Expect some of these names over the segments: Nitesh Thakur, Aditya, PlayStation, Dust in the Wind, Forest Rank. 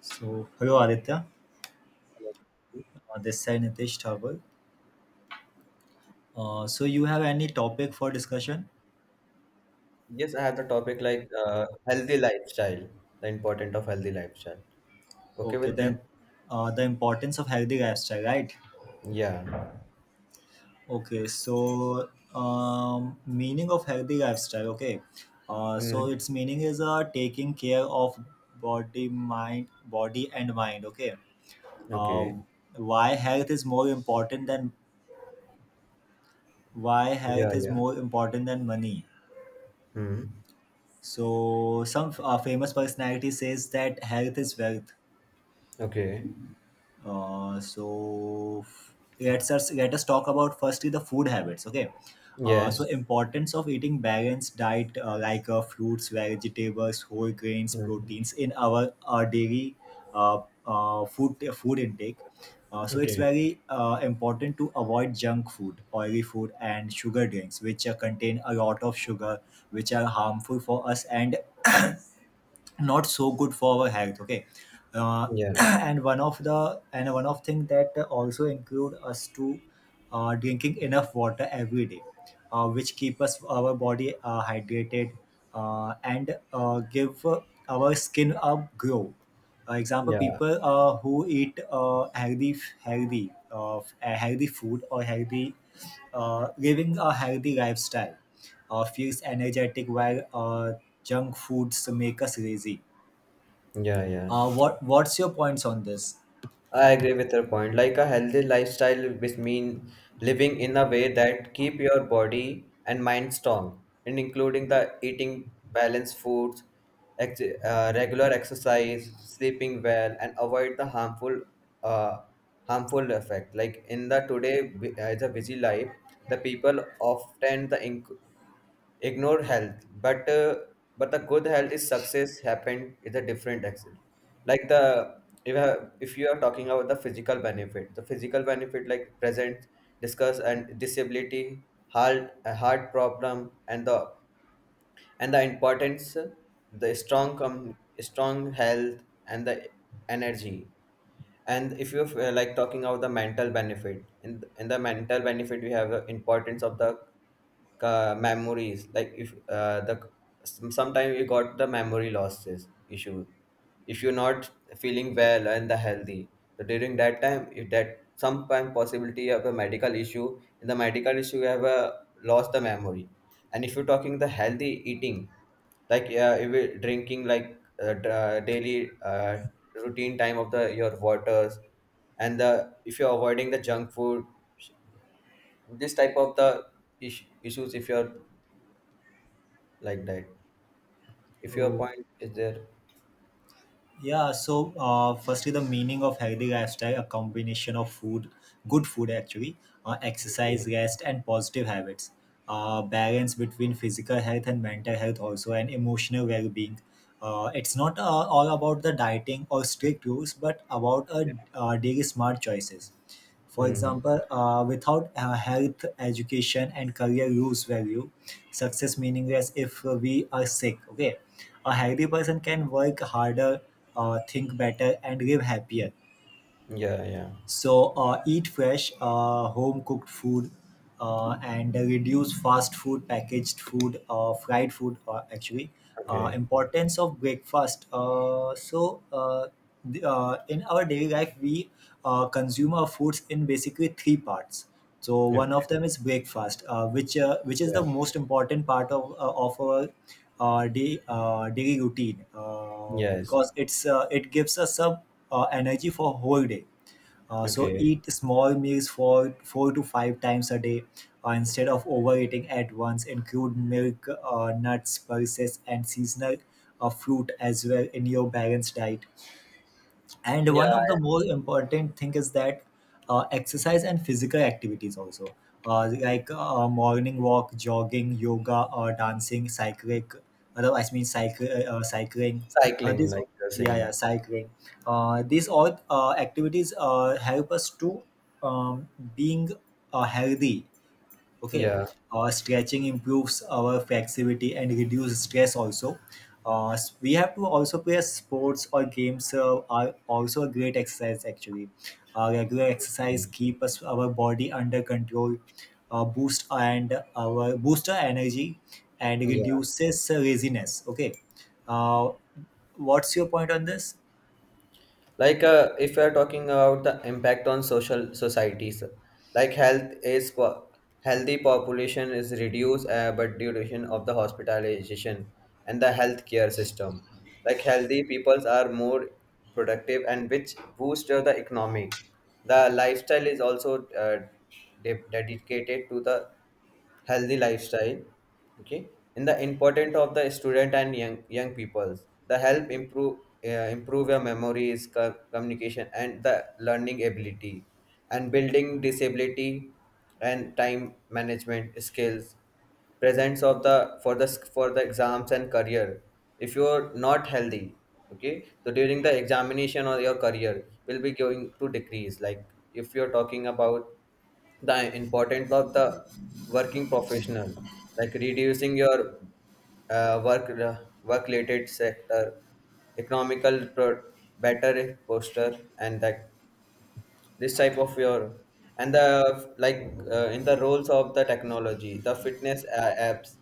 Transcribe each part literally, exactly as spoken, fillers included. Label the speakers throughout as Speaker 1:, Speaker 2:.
Speaker 1: So, hello Aditya. Uh, this side Nitesh Thakur. Uh, so, you have any topic for discussion?
Speaker 2: Yes, I have the topic like uh, healthy lifestyle, the importance of healthy lifestyle. Okay
Speaker 1: Okay,
Speaker 2: with
Speaker 1: then
Speaker 2: that?
Speaker 1: uh, the importance of healthy lifestyle, right?
Speaker 2: Yeah.
Speaker 1: Okay, so um, meaning of healthy lifestyle. Okay, uh, so
Speaker 2: Mm.
Speaker 1: its meaning is uh, taking care of body, mind, body and mind. Okay, uh,
Speaker 2: Okay.
Speaker 1: why health is more important than why
Speaker 2: Yeah,
Speaker 1: health is
Speaker 2: yeah.
Speaker 1: more important than money.
Speaker 2: Mm.
Speaker 1: So some uh, famous personality says that health is wealth.
Speaker 2: Okay.
Speaker 1: Uh, so f- let's us Let us talk about firstly the food habits. Okay. Uh, so
Speaker 2: Yes.
Speaker 1: importance of eating balanced diet, uh, like uh, fruits, vegetables, whole grains,
Speaker 2: Mm.
Speaker 1: proteins in our uh, daily uh, uh, food food intake. Uh, so it's
Speaker 2: Okay.
Speaker 1: very uh, important to avoid junk food, oily food, and sugar drinks, which uh, contain a lot of sugar, which are harmful for us and not so good for our health. Okay. uh,
Speaker 2: Yeah.
Speaker 1: and one of the and one of thing that also include us to uh, drinking enough water every day, uh, which keep us our body uh, hydrated, uh, and uh, give uh, our skin a glow. Uh, example,
Speaker 2: Yeah.
Speaker 1: people uh, who eat uh, healthy healthy uh, healthy food or healthy uh, living a healthy lifestyle uh, feels energetic while uh, junk foods make us lazy.
Speaker 2: Yeah, yeah,
Speaker 1: Uh, what what's your points on this?
Speaker 2: I agree with your point. Like a healthy lifestyle which mean living in a way that keep your body and mind strong, and including the eating balanced foods, ex- uh, regular exercise, sleeping well, and avoid the harmful uh, harmful effect. Like in the today bu- uh, it's a busy life, the people often the inc- ignore health but uh, but the good health is success happened is a different axis like the if, uh, if you are talking about the physical benefit the physical benefit like present discuss and disability heart a heart problem and the and the importance the strong com- strong health and the energy. And if you uh, like talking about the mental benefit in in the mental benefit we have the importance of the uh, memories. Like if uh, the sometimes you got the memory losses issue if you're not feeling well and the healthy, so during that time if that sometime possibility of a medical issue in the medical issue you have a lost the memory. And if you're talking the healthy eating, like uh, if you're drinking like uh, d- uh, daily uh, routine time of the your waters and the if you're avoiding the junk food, this type of the is- issues if you're like that, if your
Speaker 1: Oh,
Speaker 2: point is there.
Speaker 1: yeah. So, uh, firstly, the meaning of healthy lifestyle: a combination of food, good food actually, uh, exercise,
Speaker 2: Okay.
Speaker 1: rest, and positive habits. Uh, balance between physical health and mental health also, and emotional well-being. Uh, it's not uh, all about the dieting or strict rules, but about uh, uh, daily smart choices. For
Speaker 2: Hmm.
Speaker 1: example, uh, without uh, health, education, and career lose value, success meaningless if we are sick. Okay, a healthy person can work harder, uh, think better, and live happier.
Speaker 2: Yeah, yeah.
Speaker 1: So uh, eat fresh, uh, home cooked food, uh, and reduce fast food, packaged food, uh, fried food. Uh, actually, uh,
Speaker 2: Okay.
Speaker 1: importance of breakfast. Uh, so uh, the, uh, in our daily life, we uh, consume our foods in basically three parts. So
Speaker 2: Okay.
Speaker 1: one of them is breakfast, uh, which uh, which is
Speaker 2: Yeah.
Speaker 1: the most important part of uh, of our uh, day uh, daily routine, uh,
Speaker 2: Yes.
Speaker 1: because it's uh, it gives us some uh, energy for whole day. Uh, so
Speaker 2: Okay.
Speaker 1: eat small meals for four to five times a day uh, instead of overeating at once. Include milk, uh, nuts, pulses, and seasonal uh, fruit as well in your balanced diet, and one
Speaker 2: Yeah,
Speaker 1: of the more important thing is that uh, exercise and physical activities also, uh, like uh, morning walk, jogging, yoga, uh, dancing, cycling. Otherwise I mean cycle, uh, Cycling. Uh,
Speaker 2: cycling,
Speaker 1: these
Speaker 2: like you're
Speaker 1: Yeah,
Speaker 2: saying.
Speaker 1: yeah, cycling. Uh, these all uh, activities uh, help us to um, being uh, healthy. Okay.
Speaker 2: Yeah.
Speaker 1: Uh, stretching improves our flexibility and reduce stress also. Uh, s- we have to also play sports or games uh, are also a great exercise actually. Uh, regular exercise
Speaker 2: Mm-hmm.
Speaker 1: keep us our body under control, uh, boost and our boost our energy and
Speaker 2: Yeah.
Speaker 1: reduces uh, laziness. Okay. uh, what's your point on this?
Speaker 2: Like uh, if we are talking about the impact on social societies, like health is po- healthy population is reduced uh, but duration of the hospitalization and the healthcare system. Like healthy peoples are more productive and which boost of the economy. The lifestyle is also uh, de- dedicated to the healthy lifestyle. Okay. In the important of the student and young young peoples the help improve uh, improve your memories co- communication and the learning ability and building disability and time management skills, presence of the for the for the exams and career. If you're not healthy, okay, so during the examination or your career will be going to decrease. Like if you're talking about the importance of the working professional, like reducing your uh, work work related sector, economical pro- better posture and that, this type of your. And the like uh, in the roles of the technology, the fitness uh, apps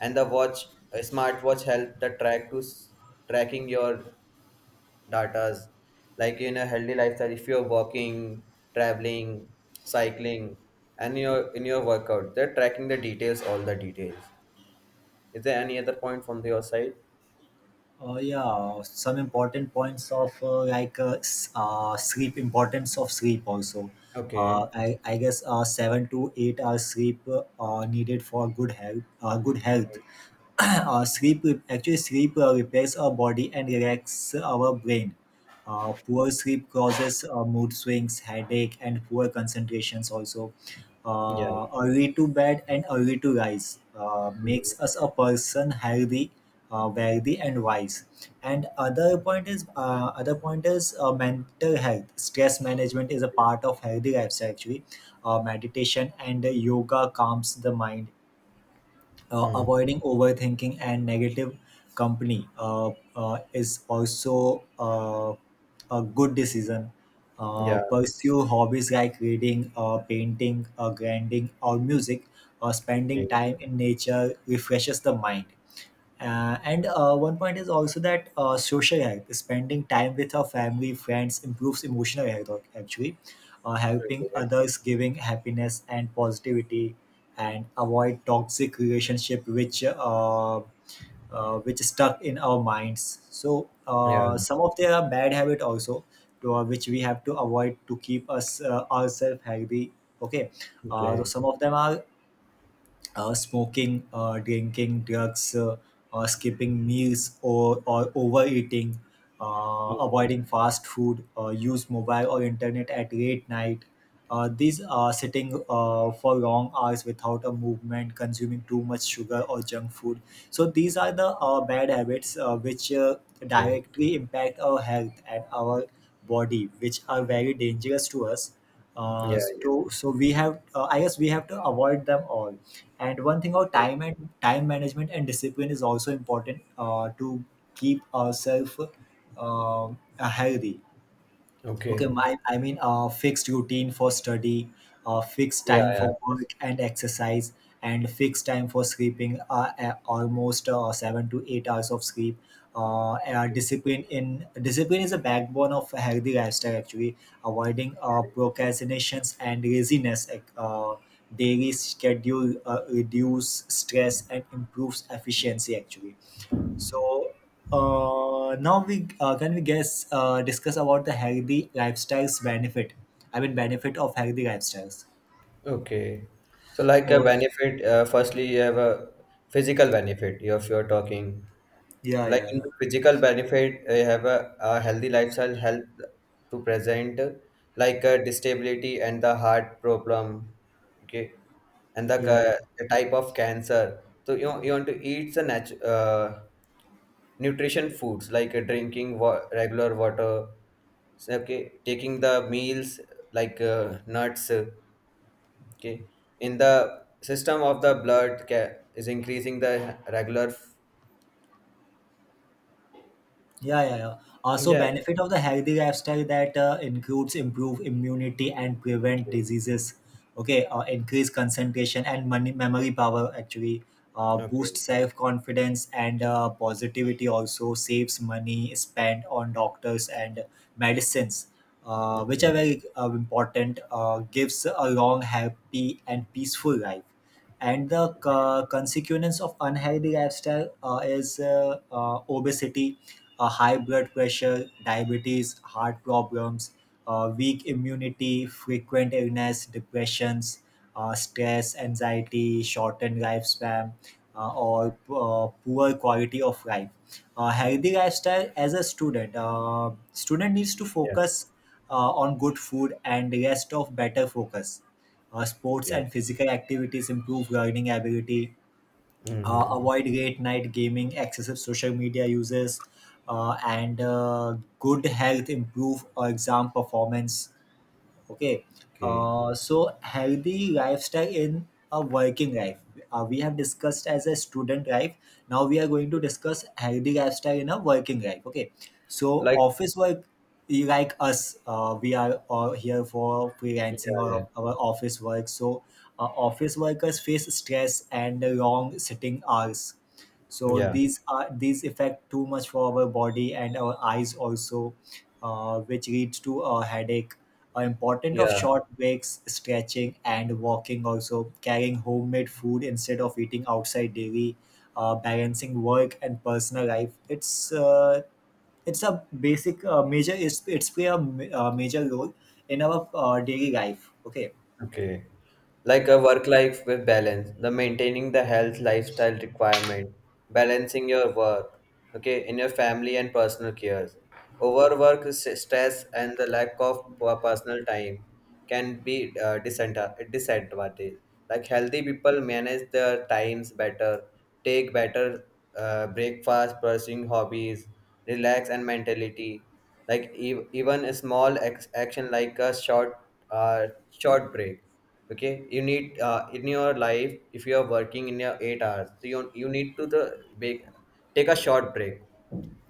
Speaker 2: and the watch, a smartwatch help the track to s- tracking your datas. Like in a healthy lifestyle, if you're walking, traveling, cycling, and your in your workout they're tracking the details, all the details. Is there any other point from your side?
Speaker 1: Uh, yeah, some important points of uh, like uh, s- uh, sleep, importance of sleep also.
Speaker 2: Okay.
Speaker 1: Uh, I, I guess uh, seven to eight hours sleep uh, are needed for good health. Uh, good health. uh, sleep re- actually sleep uh, repairs our body and relax our brain. Uh, poor sleep causes uh, mood swings, headache, and poor concentrations also.
Speaker 2: Yeah.
Speaker 1: Uh, early to bed and early to rise uh, makes
Speaker 2: Mm.
Speaker 1: us a person healthy, uh, wealthy, and wise. And other point is uh, Other point is uh, mental health. Stress management is a part of healthy lifestyle actually. Uh, meditation and yoga calms the mind, uh,
Speaker 2: Mm.
Speaker 1: avoiding overthinking and negative company uh, uh, is also uh, a good decision. Uh,
Speaker 2: Yeah.
Speaker 1: pursue hobbies like reading, uh, painting, uh, grinding, or music. Uh,
Speaker 2: Okay.
Speaker 1: spending time in nature refreshes the mind. Uh, and uh, One point is also that uh, social health, spending time with our family, friends improves emotional health, ac- actually uh, helping
Speaker 2: Okay.
Speaker 1: others giving happiness and positivity, and avoid toxic relationship which uh, uh, which is stuck in our minds, so
Speaker 2: Yeah.
Speaker 1: uh, some of their bad habit also to, uh, which we have to avoid to keep us uh, ourselves healthy. Okay. Uh, so
Speaker 2: Okay.
Speaker 1: some of them are uh, smoking, uh, drinking, drugs, uh, uh, skipping meals, or, or overeating, uh,
Speaker 2: Mm.
Speaker 1: avoiding fast food, uh, use mobile or internet at late night. Uh, these are sitting uh, for long hours without a movement, consuming too much sugar or junk food. So these are the uh, bad habits uh, which uh,
Speaker 2: Okay.
Speaker 1: directly impact our health and our body, which are very dangerous to us. uh,
Speaker 2: Yeah, yeah.
Speaker 1: so so we have, uh, I guess we have to avoid them all. And one thing about
Speaker 2: Okay.
Speaker 1: time and time management and discipline is also important uh, to keep ourselves uh, healthy. Okay,
Speaker 2: Okay.
Speaker 1: my I mean uh, Fixed routine for study, uh, fixed
Speaker 2: Yeah,
Speaker 1: time
Speaker 2: yeah,
Speaker 1: for
Speaker 2: yes.
Speaker 1: work and exercise, and fixed time for sleeping. Uh, uh, almost uh, seven to eight hours of sleep. Uh, uh, discipline in discipline is a backbone of a healthy lifestyle. Actually, avoiding uh, procrastinations and laziness. Like, Uh, daily schedule uh, reduce stress and improves efficiency. Actually, so uh, now we uh, can we guess uh, discuss about the healthy lifestyles benefit. I mean benefit of healthy lifestyles.
Speaker 2: Okay, so like a
Speaker 1: Oh
Speaker 2: benefit, uh, firstly you have a physical benefit if you're talking.
Speaker 1: yeah
Speaker 2: Like
Speaker 1: yeah
Speaker 2: in
Speaker 1: yeah
Speaker 2: the physical benefit uh, have a, a healthy lifestyle help to present like a disability and the heart problem. Okay. And the,
Speaker 1: yeah yeah.
Speaker 2: ca- the type of cancer, so you, you want to eat the natu- uh, nutrition foods like uh, drinking wa- regular water. So, okay, taking the meals, like uh, nuts, uh, okay, in the system of the blood ca- is increasing the regular f-.
Speaker 1: Yeah, yeah, yeah. Also,
Speaker 2: Yeah.
Speaker 1: benefit of the healthy lifestyle that uh, includes improve immunity and prevent diseases. Okay, uh, increase concentration and money, memory power. Actually, uh, boost
Speaker 2: Okay.
Speaker 1: self confidence and uh, positivity. Also, saves money spent on doctors and medicines, uh, which are
Speaker 2: Okay.
Speaker 1: very uh, important. Uh, gives a long, happy, and peaceful life. And the uh, consequence of unhealthy lifestyle uh, is uh, uh, obesity, uh, high blood pressure, diabetes, heart problems, uh, weak immunity, frequent illness, depressions, uh, stress, anxiety, shortened lifespan, uh, or uh, poor quality of life. Uh, healthy lifestyle as a student: uh, student needs to focus uh, on good food and rest of better focus. Uh, sports
Speaker 2: Yeah.
Speaker 1: and physical activities improve learning ability. Uh,
Speaker 2: Mm-hmm.
Speaker 1: avoid late night gaming, excessive social media uses, uh, and uh, good health improve uh, exam performance. Okay.
Speaker 2: Okay.
Speaker 1: Uh, so healthy lifestyle in a working life. Uh, we have discussed as a student life. Now we are going to discuss healthy lifestyle in a working life. Okay. So
Speaker 2: Like,
Speaker 1: office work, you like us, uh, we are all here for
Speaker 2: yeah,
Speaker 1: freelancing
Speaker 2: yeah,
Speaker 1: or our office work. So uh, office workers face stress and long sitting hours. So
Speaker 2: yeah,
Speaker 1: these are these affect too much for our body and our eyes also, uh, which leads to a headache, are important of
Speaker 2: yeah.
Speaker 1: short breaks, stretching, and walking. Also, carrying homemade food instead of eating outside daily, uh, balancing work and personal life. It's uh, it's a basic uh, major. It's it's play a ma- uh, major role in our uh, daily life. Okay.
Speaker 2: Okay. Like
Speaker 1: Yeah.
Speaker 2: a work life with balance, the maintaining the health lifestyle requirement, balancing your work. Okay, in your family and personal cares, overwork s- stress and the lack of per- personal time can be uh, disanta- disadvantage. Like healthy people manage their times better, take better uh, breakfast, pursuing hobbies, relax and mentality. Like ev- even a small ex- action like a short uh, short break. Okay, you need uh, in your life, if you are working in your eight hours, so you, you need to the bake, take a short break.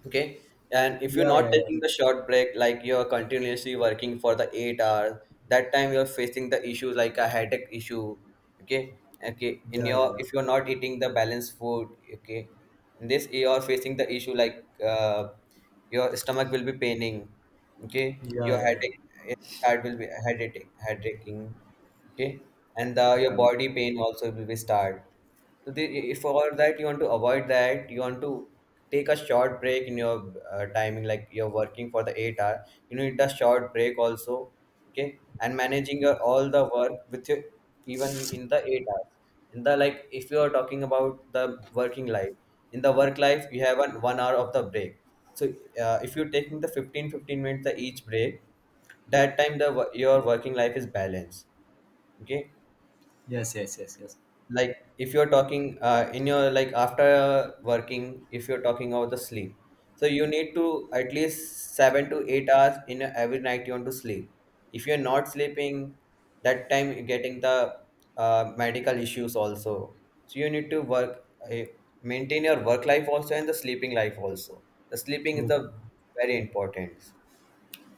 Speaker 2: Okay. And if you're
Speaker 1: Yeah. Yeah.
Speaker 2: not
Speaker 1: Yeah.
Speaker 2: taking the short break, like you're continuously working for the eight hours, that time you're facing the issues like a headache issue. Okay. Okay, in
Speaker 1: Yeah. Yeah.
Speaker 2: your
Speaker 1: Yeah.
Speaker 2: if you're not eating the balanced food, okay, in this you're facing the issue like uh, your stomach will be paining. Okay,
Speaker 1: Yeah.
Speaker 2: your
Speaker 1: Yeah.
Speaker 2: headache, eh, start will be headache headache Okay. And the your
Speaker 1: Yeah.
Speaker 2: body pain also will be start. So they, if for that you want to avoid that, you want to take a short break in your uh, timing, like you're working for the eight hour, you need a short break also, okay? And managing your, all the work with your, even in the eight hours. In the like, if you are talking about the working life, in the work life you have an one hour of the break. So uh, if you're taking the fifteen fifteen minutes the each break, that time the wo- your working life is balanced. Okay.
Speaker 1: Yes. Yes. Yes.
Speaker 2: Like if you're talking uh, in your like after working, if you're talking about the sleep, so you need to at least seven to eight hours in a- every night you want to sleep. If you're not sleeping, that time you're getting the uh, medical issues also. So you need to work, uh, maintain your work life also and the sleeping life also. The sleeping is
Speaker 1: Yes.
Speaker 2: the very important.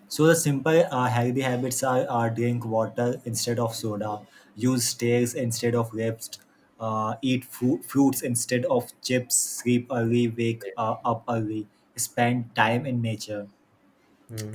Speaker 1: So the simple uh, healthy habits are, are drink water instead of soda, use stairs instead of lifts, uh, eat fru- fruits instead of chips, sleep early, wake
Speaker 2: Yeah.
Speaker 1: uh, up early, spend time in nature,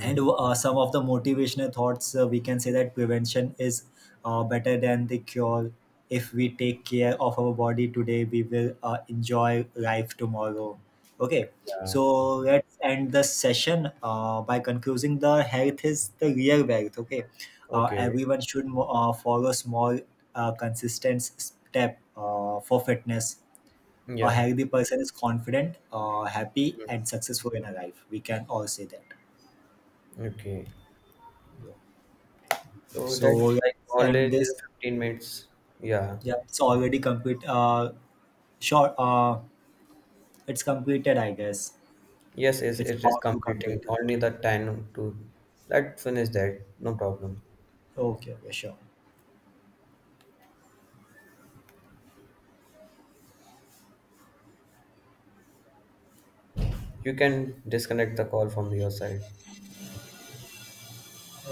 Speaker 1: and uh, some of the motivational thoughts, uh, we can say that prevention is uh, better than the cure. If we take care of our body today, we will uh, enjoy life tomorrow. Okay.
Speaker 2: Yeah.
Speaker 1: So let's end the session uh, by concluding the health is the real wealth. Okay. Uh,
Speaker 2: Okay.
Speaker 1: everyone should mo- uh, follow small uh, consistent step uh, for fitness. A
Speaker 2: Yeah.
Speaker 1: healthy person is confident, uh, happy,
Speaker 2: Mm.
Speaker 1: and successful in a life, we can all say that.
Speaker 2: Okay. So that
Speaker 1: So yeah,
Speaker 2: like
Speaker 1: and
Speaker 2: already the
Speaker 1: this
Speaker 2: fifteen minutes. Yeah.
Speaker 1: yeah, it's already complete. Uh, short. Uh, it's completed, I guess.
Speaker 2: Yes, yes,
Speaker 1: It's
Speaker 2: it is
Speaker 1: about to
Speaker 2: completing
Speaker 1: complete.
Speaker 2: only the ten to that finish that. No problem.
Speaker 1: Okay, okay, sure.
Speaker 2: You can disconnect the call from your side. So,